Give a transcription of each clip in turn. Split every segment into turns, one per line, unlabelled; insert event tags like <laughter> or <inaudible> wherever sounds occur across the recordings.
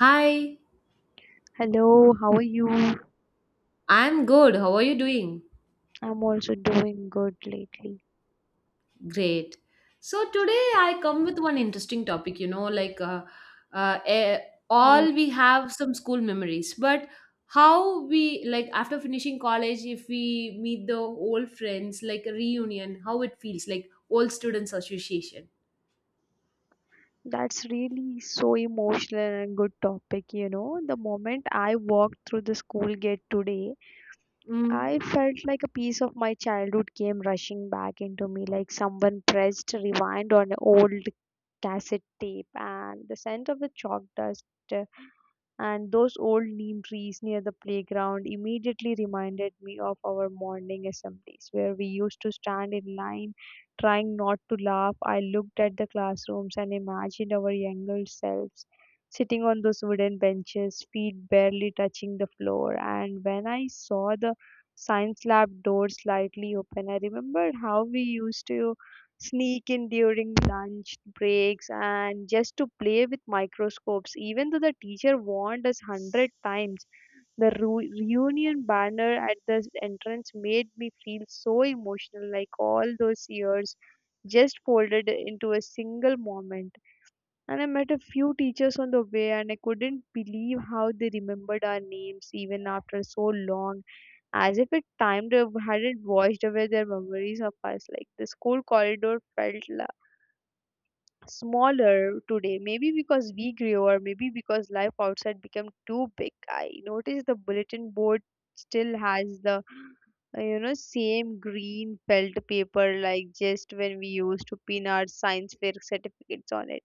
Hi,
Hello, how are you?
I'm good. How are you doing?
I'm also doing good lately.
Great. So today I come with one interesting topic, uh, eh,
Yeah,
all we have some school memories, but how we like after finishing college, if we meet the old friends, like a reunion, how it feels, like old students association.
that's really so emotional and good topic, you know. The moment I walked through the school gate today,
Mm.
I felt like a piece of my childhood came rushing back into me, like someone pressed rewind on an old cassette tape, and the scent of the chalk dust uh, and those old neem trees near the playground immediately reminded me of our morning assemblies where we used to stand in line trying not to laugh. I looked at the classrooms and imagined our younger selves sitting on those wooden benches, feet barely touching the floor. And when I saw the science lab door slightly open, I remembered how we used to sneak in during lunch breaks and just to play with microscopes even though the teacher warned us 100 times. The reunion banner at the entrance made me feel so emotional, like all those years just folded into a single moment. And I met a few teachers on the way, and I couldn't believe how they remembered our names even after so long, as if it time to hadn't washed away their memories of us. Like the school corridor felt smaller today, maybe because we grew or maybe because life outside became too big. I noticed the bulletin board still has the same green felt paper, like just when we used to pin our science fair certificates on it.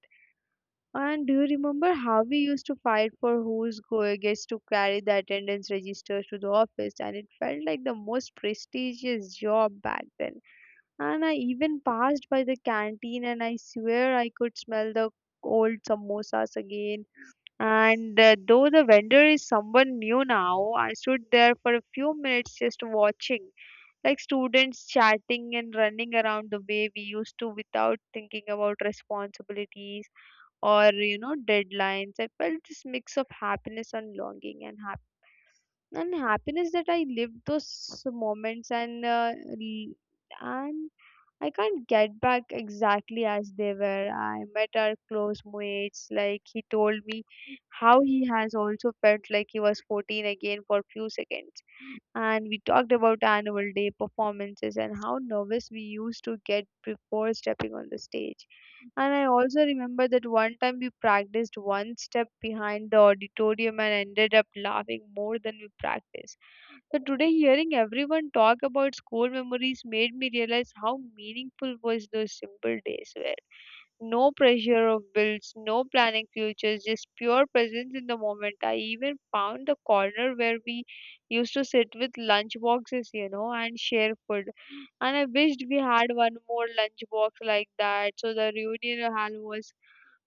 And do you remember how we used to fight for who's go gets to carry the attendance registers to the office, and it felt like the most prestigious job back then? And I even passed by the canteen and I swear I could smell the old samosas again. And though the vendor is someone new now, I stood there for a few minutes just watching, like students chatting and running around the way we used to without thinking about responsibilities or, you know, deadlines. I felt this mix of happiness and longing, and happiness that I lived those moments and I can't get back exactly as they were. I met our close mates. Like he told me how he has also felt like he was 14 again for few seconds. And we talked about annual day performances and how nervous we used to get before stepping on the stage. And I also remember that one time we practiced one step behind the auditorium and ended up laughing more than we practiced. So today hearing everyone talk about school memories made me realize how meaningful was those simple days were. No pressure of bills, no planning futures, just pure presence in the moment. I even found the corner where we used to sit with lunch boxes, you know, and share food. And I wished we had one more lunch box like that. So the reunion hall was,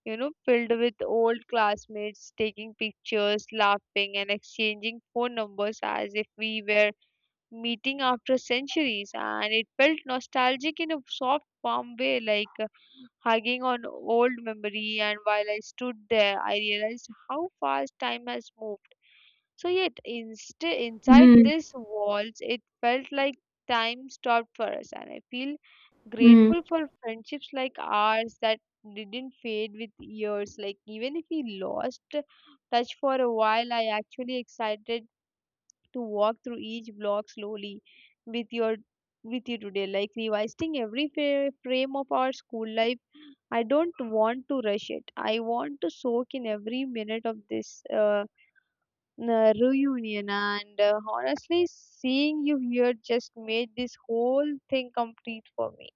you know, filled with old classmates taking pictures, laughing and exchanging phone numbers as if we were meeting after centuries, and it felt nostalgic in a soft, warm way, like hugging on old memory. And while I stood there, I realized how fast time has moved. So yet, inside these walls, it felt like time stopped for us, and I feel
Mm.
grateful for friendships like ours that didn't fade with years. Like even if we lost touch for a while, I actually excited to walk through each block slowly with your with you today, like revisiting every frame of our school life. I don't want to rush it. I want to soak in every minute of this reunion. And honestly, seeing you here just made this whole thing complete for me.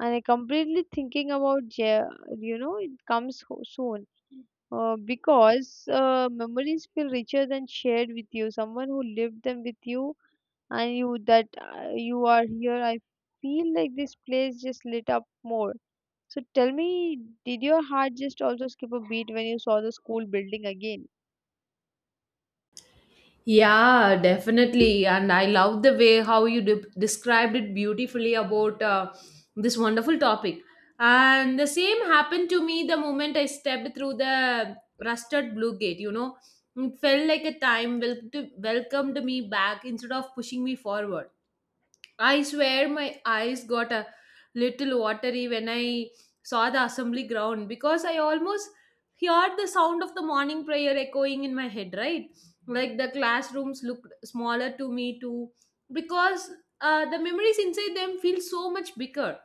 And I completely thinking about Ja- it comes soon, because memories feel richer than shared with you, someone who lived them with you. And you that you are here, I feel like this place just lit up more. So tell me, did your heart just also skip a beat when you saw the school building again?
Yeah, definitely. And I love the way how you described it beautifully about this wonderful topic. And the same happened to me the moment I stepped through the rusted blue gate. You know, it felt like a time welcomed me back instead of pushing me forward. I swear my eyes got a little watery when I saw the assembly ground because I almost heard the sound of the morning prayer echoing in my head, right? Like the classrooms looked smaller to me too because the memories inside them feel so much bigger.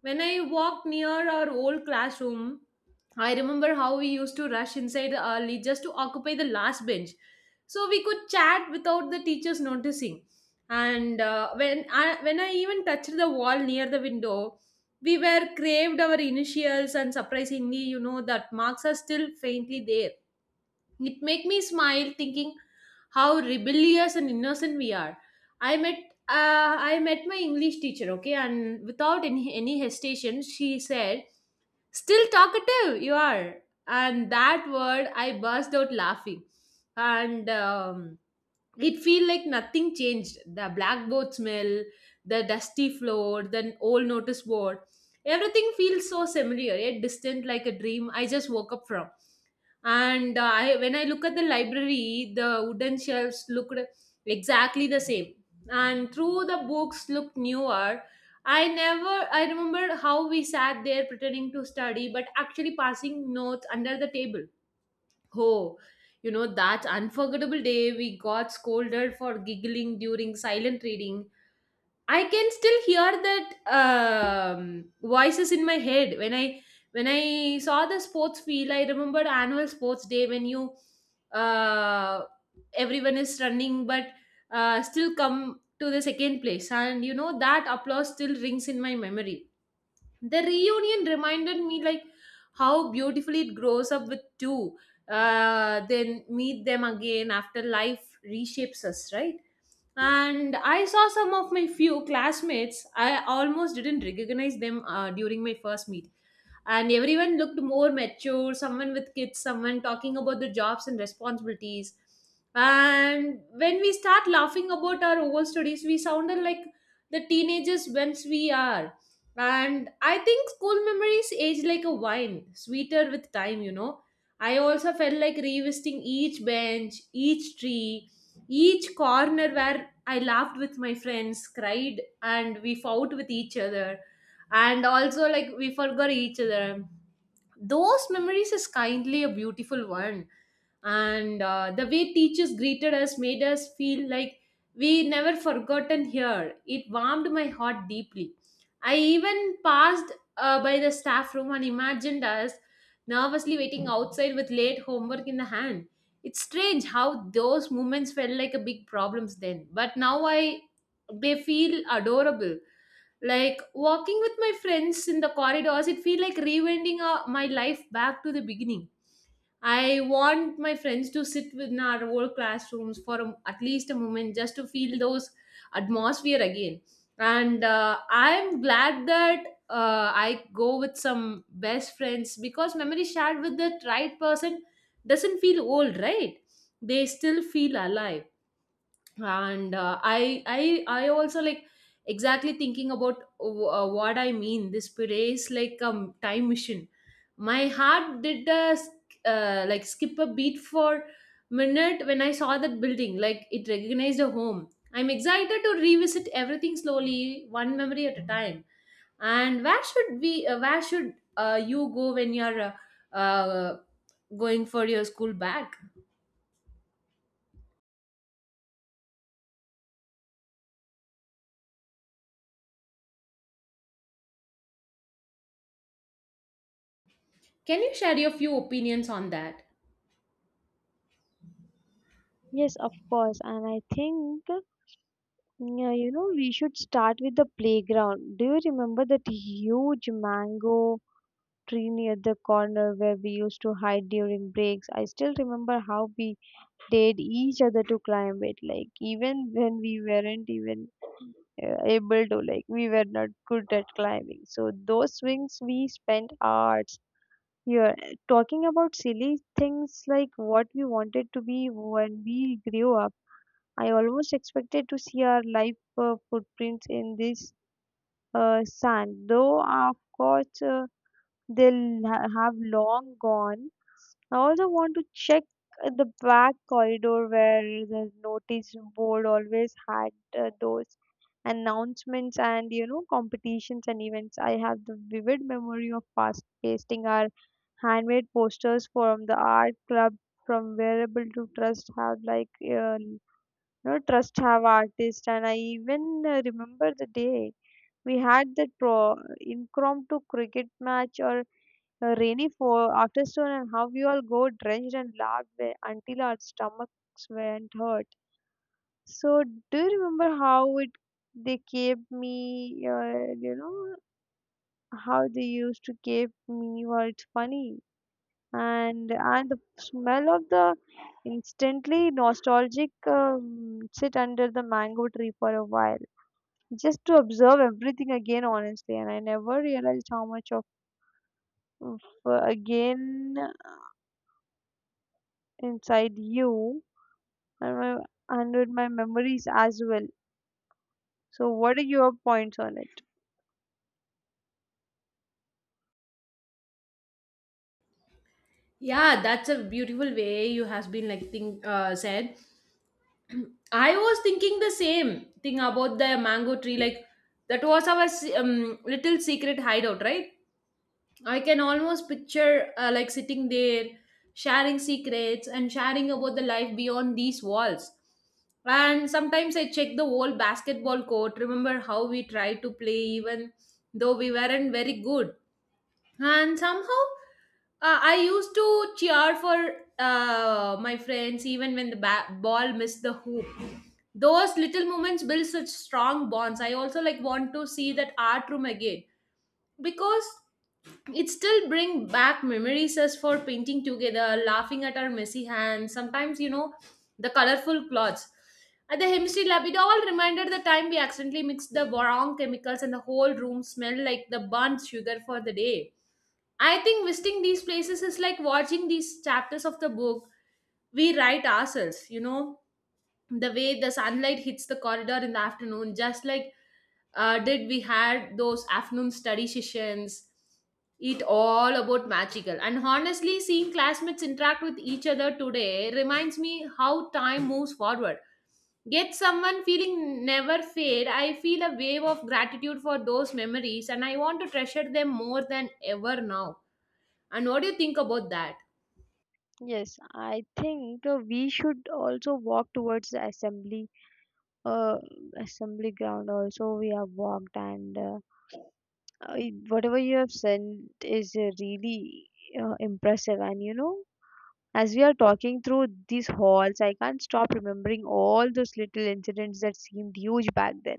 When I walked near our old classroom, I remember how we used to rush inside early just to occupy the last bench so we could chat without the teachers noticing. And when I even touched the wall near the window, we were craved our initials, and surprisingly, you know that marks are still faintly there. It made me smile thinking how rebellious and innocent we are. I met I met my English teacher, okay, and without any hesitation, she said still talkative you are, and that word I burst out laughing. And it feel like nothing changed. The blackboard smell, the dusty floor, the old notice board, everything feels so familiar, yet distant like a dream I just woke up from. And when I look at the library, the wooden shelves looked exactly the same, and through the books looked newer. I never I remember how we sat there pretending to study but actually passing notes under the table. Oh, you know, that unforgettable day we got scolded for giggling during silent reading. I can still hear that voices in my head when I saw the sports field. I remembered annual sports day when you uh, everyone is running but still come to the second place, and you know that applause still rings in my memory. The reunion reminded me like how beautifully it grows up with two then meet them again after life reshapes us, right? And I saw some of my few classmates. I almost didn't recognize them during my first meet, and everyone looked more mature, someone with kids, someone talking about the jobs and responsibilities. And when we start laughing about our old studies, we sounded like the teenagers once we are. And I think school memories age like a wine, sweeter with time, you know. I also felt like revisiting each bench, each tree, each corner where I laughed with my friends, cried, and we fought with each other. And also, like, we forgot each other. Those memories is kindly a beautiful one. And the way teachers greeted us made us feel like we never forgotten here. It warmed my heart deeply. I even passed by the staff room and imagined us nervously waiting outside with late homework in the hand. It's strange how those moments felt like a big problems then, but now I they feel adorable. Like walking with my friends in the corridors, it feel like rewinding my life back to the beginning. I want my friends to sit within our old classrooms for a, at least a moment, just to feel those atmosphere again. And I'm glad that I go with some best friends, because memory shared with the right person doesn't feel old, right? They still feel alive. And I also like exactly thinking about what I mean, this puree is like a time machine. My heart did like skip a beat for minute when I saw that building, like it recognized a home. I'm excited to revisit everything slowly, one memory at a time. And where should you go when you're going for your school back? Can you share your few opinions on that?
Yes, of course. And I think, yeah, you know, we should start with the playground. Do you remember that huge mango tree near the corner where we used to hide during breaks? I still remember how we dared each other to climb it, like even when we weren't even able to, like we were not good at climbing. So those swings we spent hours here talking about silly things like what we wanted to be when we grew up. I almost expected to see our life footprints in this sand, though of course they'll have long gone. I also want to check the back corridor where the notice board always had those announcements and, you know, competitions and events. I have the vivid memory of fast pasting our handmade posters from the art club, from wearable to trust have, like trust have artist. And I even remember the day we had that pro impromptu cricket match or a rainy fall, after storm, and how we all go drenched and lagged there until our stomachs went hurt. So, do you remember how it they kept me? How they used to keep me. Well, it's funny, and the smell of the instantly nostalgic sit under the mango tree for a while just to observe everything again honestly. And I never realized how much of again inside you and my, and with my memories as well. So, what are your points on it?
Yeah, that's a beautiful way you has been like think said. <clears throat> I was thinking the same thing about the mango tree. Like that was our little secret hideout, right? I can almost picture like sitting there, sharing secrets and sharing about the life beyond these walls. And sometimes I check the whole basketball court. Remember how we tried to play even though we weren't very good, and somehow I used to cheer for my friends even when the ball missed the hoop. Those little moments build such strong bonds. I also like want to see that art room again, because it still bring back memories as for painting together, laughing at our messy hands sometimes, you know, the colorful clothes. At the chemistry lab, it all reminded the time we accidentally mixed the wrong chemicals and the whole room smelled like the burnt sugar for the day. I think visiting these places is like watching these chapters of the book we write ourselves, you know. The way the sunlight hits the corridor in the afternoon, just like did we had those afternoon study sessions. It all about magical. And honestly, seeing classmates interact with each other today reminds me how time moves forward. Get someone feeling never fade. I feel a wave of gratitude for those memories, and I want to treasure them more than ever now. And what do you think about that?
Yes, I think we should also walk towards the uh, assembly ground. Also, we have walked, and whatever you have said is really impressive. And you know, as we are talking through these halls, I can't stop remembering all those little incidents that seemed huge back then.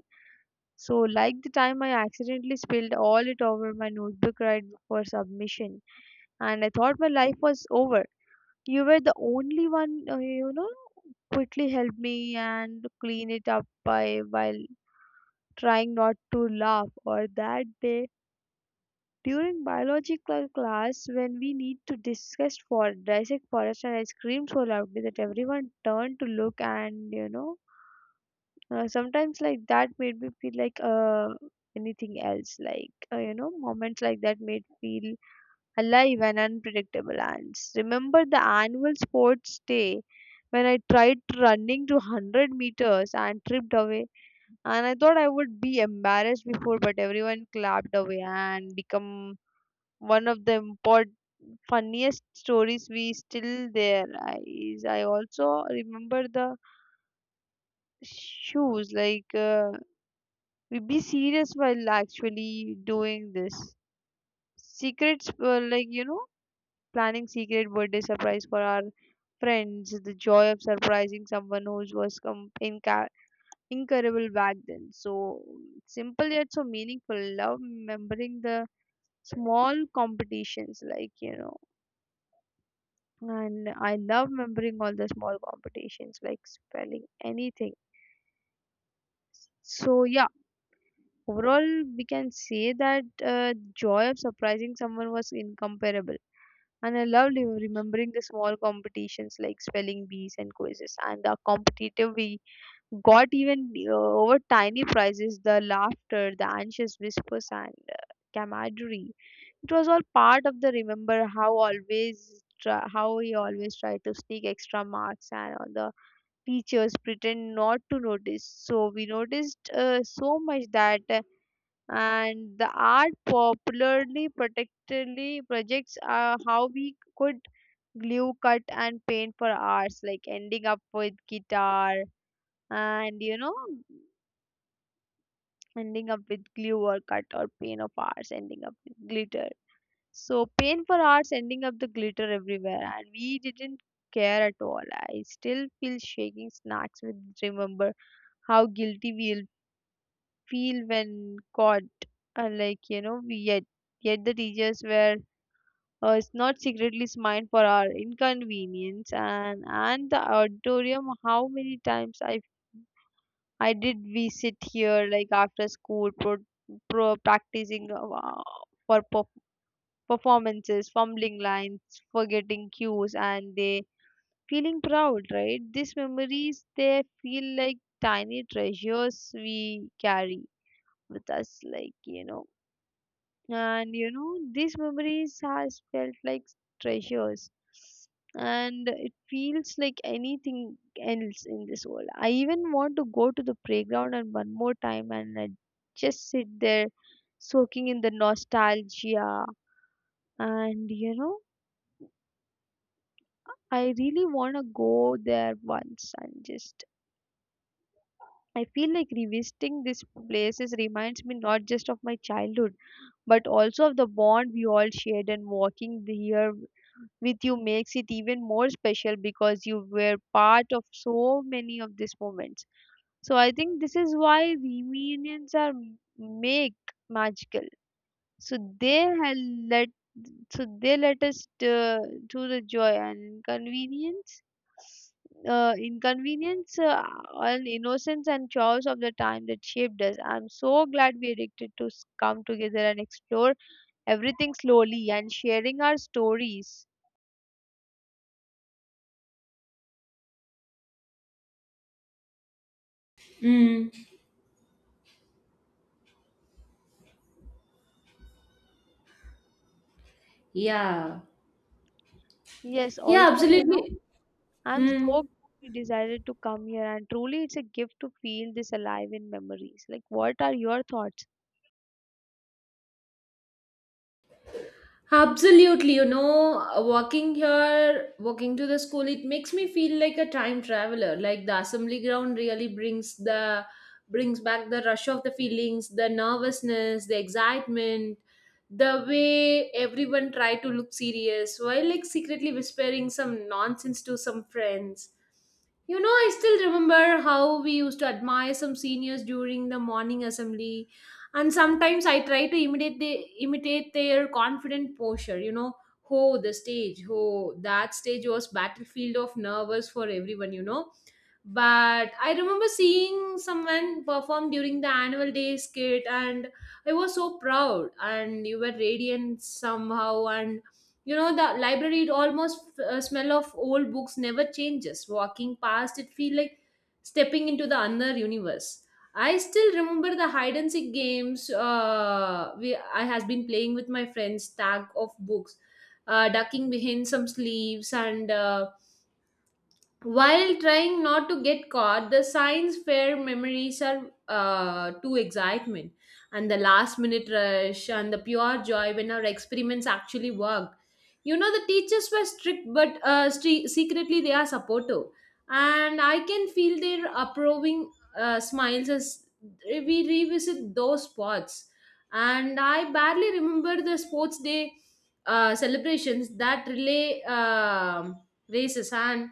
So, like the time I accidentally spilled all it over my notebook right before submission, and I thought my life was over. You were the only one, quickly helped me and clean it up by while trying not to laugh. Or that day during biological class when we need to discuss for dissect forest, and I screamed so loudly that everyone turned to look. And, you know, sometimes like that made me feel like anything else like moments like that made feel alive and unpredictable ants. Remember the annual sports day when I tried running to 100 meters and tripped away, and I thought I would be embarrassed before, but everyone clapped away and become one of the important funniest stories we still there. I i also remember the shoes, like we be serious while actually doing this. Secrets, planning secret birthday surprise for our friends, the joy of surprising someone who was incurable back then. So simple yet so meaningful. Love remembering the small competitions, like, you know, and I love remembering all the small competitions, like spelling anything. So yeah. Overall, we can say that joy of surprising someone was incomparable. And I loved you remembering the small competitions like spelling bees and quizzes, and the competitive we got even over tiny prizes, the laughter, the anxious whispers, and camaraderie. It was all part of the remember how always try, how he always tried to sneak extra marks and all the teachers pretend not to notice. So we noticed so much that. And the art popularly protectively projects are how we could glue cut and paint for hours, like ending up with guitar, and, you know, ending up with glue or cut or paint of ours ending up with glitter, so paint for hours ending up the glitter everywhere, and we didn't care at all. I still feel shaking snacks with remember how guilty we feel when caught, we yet yet the teachers were it's not secretly smiled for our inconvenience. And the auditorium, how many times I did we sit here like after school pro, pro practicing for performances, fumbling lines, forgetting cues, and they feeling proud, right? These memories they feel like tiny treasures we carry with us, like, you know. And you know these memories has felt like treasures, and it feels like anything else in this world. I even want to go to the playground and one more time and I just sit there soaking in the nostalgia. And, you know, I really want to go there once and just I feel like revisiting these places reminds me not just of my childhood, but also of the bond we all shared, and walking here with you makes it even more special because you were part of so many of these moments. So I think this is why reunions are m- make magical. So let they let us to the joy and convenience, inconvenience, and innocence and chores of the time that shaped us. I'm so glad we come together and explore everything slowly and sharing our stories.
Mm. Yeah.
Yes,
Yeah,
also
absolutely.
I'm so
Mm.
glad we decided to come here, and truly it's a gift to feel this alive in memories. Like, what are your thoughts?
Absolutely, you know, walking to the school, it makes me feel like a time traveler. Like the assembly ground really brings the brings back the rush of the feelings, the nervousness, the excitement, the way everyone try to look serious while like secretly whispering some nonsense to some friends. You know, I still remember how we used to admire some seniors during the morning assembly, and sometimes I try to imitate their confident posture, you know. Oh, the stage, oh, that stage was battlefield of nervous for everyone, you know. But I remember seeing someone perform during the annual day skit, and I was so proud, and you were radiant somehow. And you know the library, it almost smell of old books never changes. Walking past it feel like stepping into the another universe. I still remember the hide and seek games. I has been playing with my friends stack of books, ducking behind some sleeves, and while trying not to get caught, the science fair memories are too excitement, and the last minute rush and the pure joy when our experiments actually worked. You know, the teachers were strict, but secretly they are supportive. And I can feel their approving smiles as we revisit those spots. And I barely remember the sports day celebrations, that relay races. And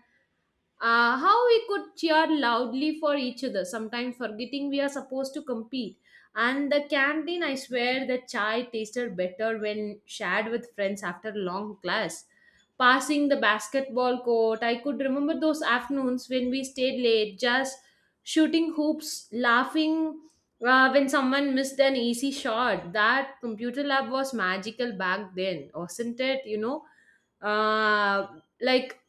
how we could cheer loudly for each other, sometimes forgetting we are supposed to compete. And the canteen, I swear, the chai tasted better when shared with friends after long class. Passing the basketball court, I could remember those afternoons when we stayed late, just shooting hoops, laughing when someone missed an easy shot. That computer lab was magical back then, wasn't it? You know, uh, like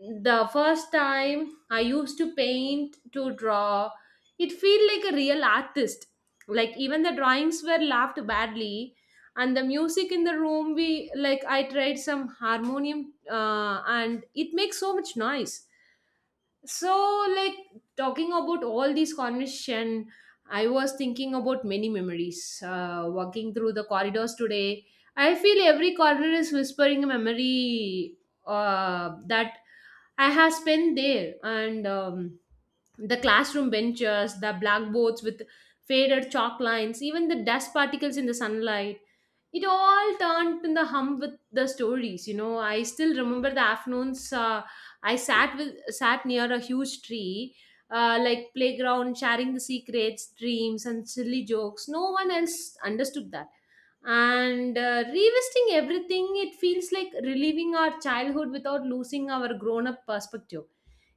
the first time I used to paint to draw, it feel like a real artist, like even the drawings were laughed badly. And the music in the room, we like I tried some harmonium, and it makes so much noise. So, like, talking about all these conversation, I was thinking about many memories. Walking through the corridors today, I feel every corridor is whispering a memory that I have spent there, and the classroom benches, the blackboards with faded chalk lines, even the dust particles in the sunlight, it all turned in the hum with the stories. You know, I still remember the afternoons. I sat with sat near a huge tree, like playground, sharing the secrets, dreams, and silly jokes. No one else understood that. And revisiting everything, it feels like reliving our childhood without losing our grown-up perspective.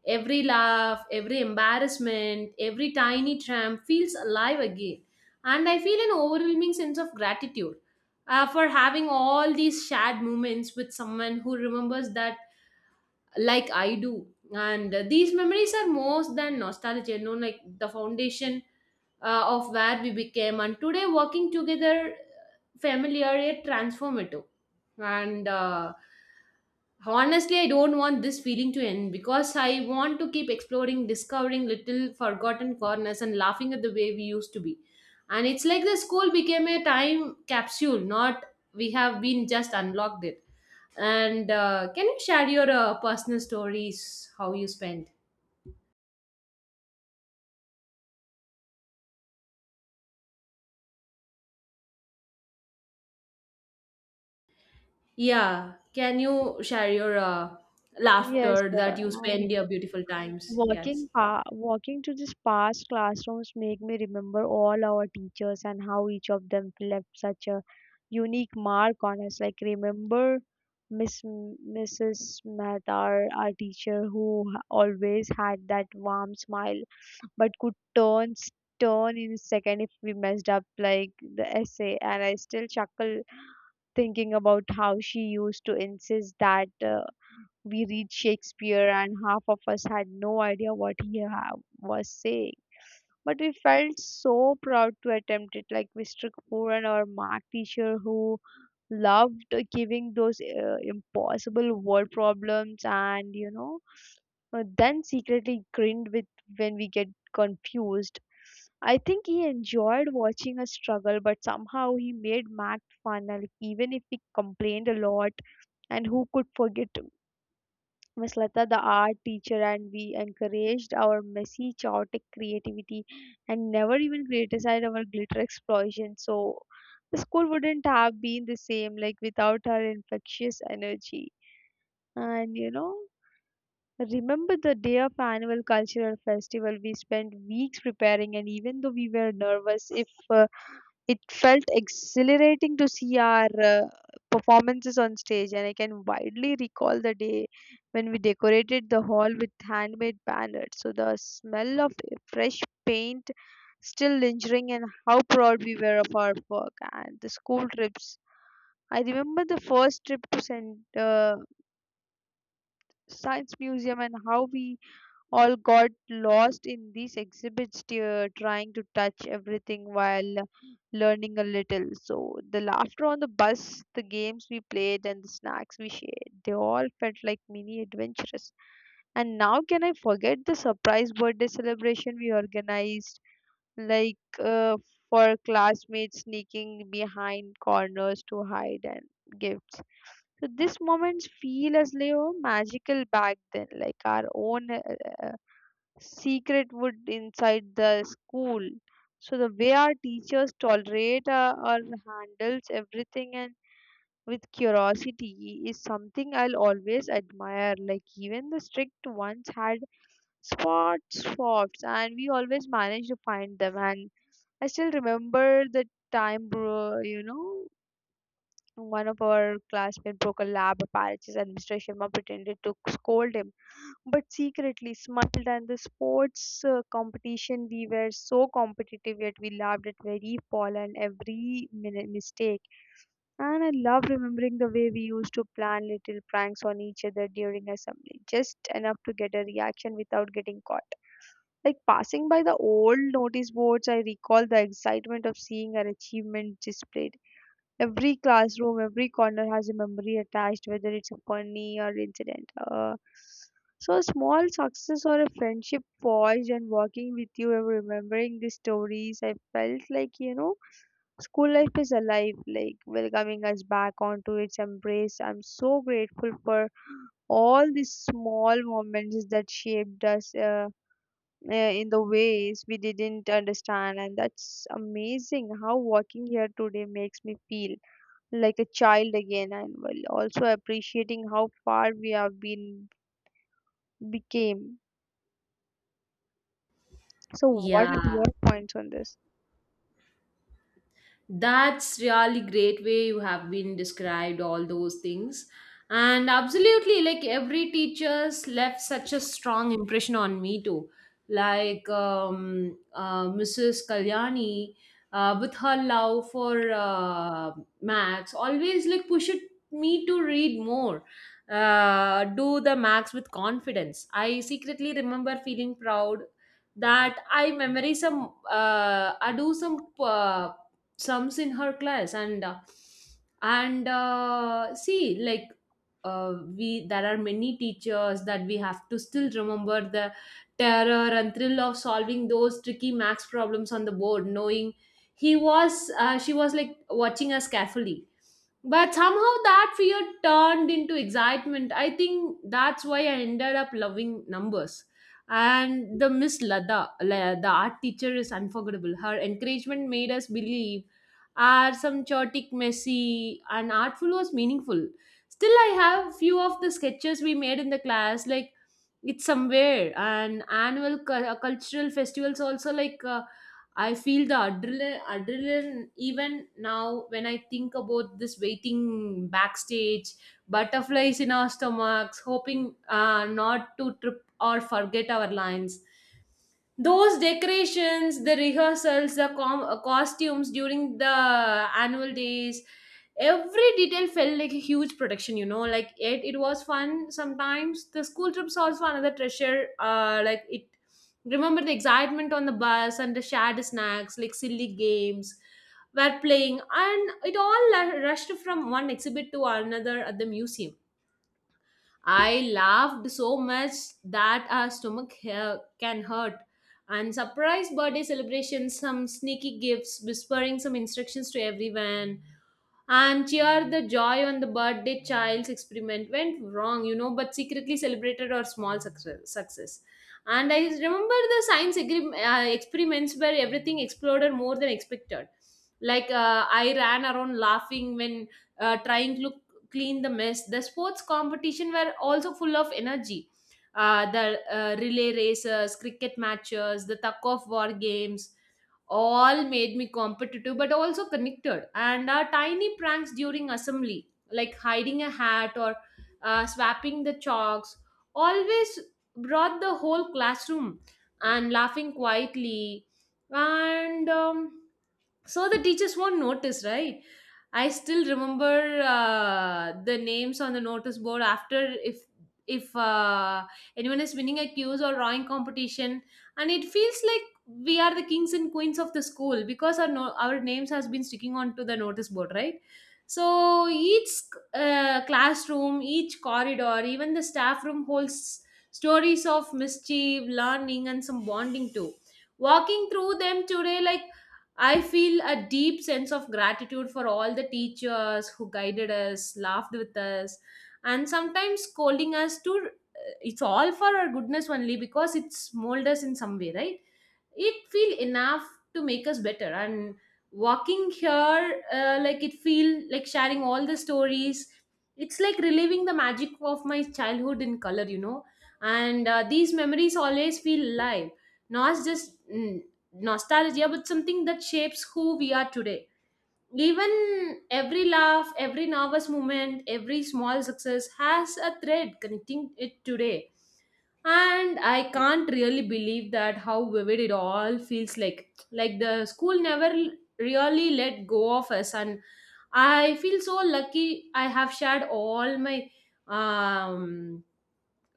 Every laugh, every embarrassment, every tiny tramp feels alive again. And I feel an overwhelming sense of gratitude for having all these shared moments with someone who remembers that like I do. And these memories are more than nostalgia, you know, like the foundation of where we became. And today, working together, familiar yet transformative. And honestly, I don't want this feeling to end because I want to keep exploring, discovering little forgotten corners, and laughing at the way we used to be. And it's like the school became a time capsule, not we have been just unlocked it and can you share your personal stories, how you spend? Yeah, can you share your
Yes,
laughter that
uh,
you
and
spend your beautiful times? Yes.
Walking to these past classrooms make me remember all our teachers and how each of them left such a unique mark on us. Like remember Mrs. Mehtar, our teacher who always had that warm smile but could turn in a second if we messed up like the essay, and I still chuckle thinking about how she used to insist that we read Shakespeare, and half of us had no idea what he was saying. But we felt so proud to attempt it. Like Mr. Kapoor and our math teacher, who loved giving those impossible word problems, and then secretly grinned with when we get confused. I think he enjoyed watching us struggle, but somehow he made math fun, and even if we complained a lot. And who could forget Miss Lata, the art teacher, and we encouraged our messy, chaotic creativity and never even criticized our glitter explosion. So the school wouldn't have been the same like without her infectious energy. And you know, remember the day of annual cultural festival, we spent weeks preparing, and even though we were nervous, if it felt exhilarating to see our performances on stage. And I can widely recall the day when we decorated the hall with handmade banners. So the smell of fresh paint still lingering, and how proud we were of our work and the school trips. I remember the first trip to Science Museum and how we all got lost in these exhibits, trying to touch everything while learning a little. So, the laughter on the bus, the games we played, and the snacks we shared, they all felt like mini adventures. And now, can I forget the surprise birthday celebration we organized? Like, for classmates sneaking behind corners to hide and gifts. So these moments feel as they were magical back then, like our own secret wood inside the school. So the way our teachers tolerate or handles everything and with curiosity is something I'll always admire. Like even the strict ones had spots, and we always managed to find them. And I still remember the time, bro, you know, one of our classmates broke a lab apparatus. His administration mom pretended to scold him, but secretly smiled. And the sports competition, we were so competitive, yet we laughed at every fall and every mistake. And I love remembering the way we used to plan little pranks on each other during assembly, just enough to get a reaction without getting caught. Like passing by the old notice boards, I recall the excitement of seeing our achievement displayed. Every classroom, every corner has a memory attached, whether it's a funny or incident. So, a small success or a friendship forged, and walking with you and remembering the stories, I felt like, you know, school life is alive, like welcoming us back onto its embrace. I'm so grateful for all these small moments that shaped us in the ways we didn't understand. And that's amazing how walking here today makes me feel like a child again and while also appreciating how far we have been became. So what are
Yeah,
your points on this?
that's really great way you have been described all those things. And absolutely, like every teacher's left such a strong impression on me too. Like Mrs. Kalyani, with her love for maths, always like pushed me to read more, do the maths with confidence. I secretly remember feeling proud that I memory some, I do some. Slums in her class and see like we there are many teachers that we have to still remember the terror and thrill of solving those tricky max problems on the board knowing he was she was like watching us carefully, but somehow that fear turned into excitement. I think that's why I ended up loving numbers. And the Miss Lada the art teacher is unforgettable. Her encouragement made us believe are some chaotic, messy, and artful was meaningful. Still, I have few of the sketches we made in the class, like it's somewhere. And cultural festivals also, like I feel the adrenaline even now when I think about this, waiting backstage, butterflies in our stomachs, hoping not to trip or forget our lines, those decorations, the rehearsals, the costumes during the annual days. Every detail felt like a huge production, you know. Like it was fun sometimes. The school trip's also another treasure. Like it, remember the excitement on the bus and the shared snacks, like silly games were playing, and it all rushed from one exhibit to another at the museum. I laughed so much that our stomach hair can hurt. And surprise birthday celebrations, some sneaky gifts, whispering some instructions to everyone and cheer the joy on the birthday child's experiment went wrong, you know, but secretly celebrated our small success. And I remember the experiments where everything exploded more than expected, like I ran around laughing when trying to clean the mess. The sports competition were also full of energy, the relay races, cricket matches, the tug of war games, all made me competitive but also connected. And our tiny pranks during assembly, like hiding a hat or swapping the chalks, always brought the whole classroom and laughing quietly, and so the teachers won't notice, right? I still remember the names on the notice board after if if anyone is winning a quiz or drawing competition, and it feels like we are the kings and queens of the school because our our names has been sticking onto the notice board, right? So each classroom, each corridor, even the staff room holds stories of mischief, learning, and some bonding too. Walking through them today, like I feel a deep sense of gratitude for all the teachers who guided us, laughed with us, and sometimes scolding us to, it's all for our goodness only because it's molded us in some way, right? It feel enough to make us better. And walking here, like it feel like sharing all the stories, it's like reliving the magic of my childhood in color, you know. And these memories always feel alive, not just nostalgia, but something that shapes who we are today. Even every laugh, every nervous moment, every small success has a thread connecting it today. And I can't really believe that how vivid it all feels like. Like the school never really let go of us, and I feel so lucky I have shared all my um,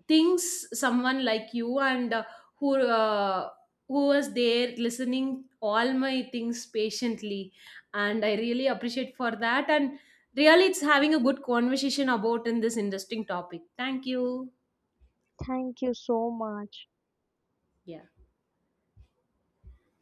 things someone like you and who uh, who was there listening all my things patiently, and I really appreciate for that. And really it's having a good conversation about in this interesting topic. Thank you.
Thank you so much.
Yeah.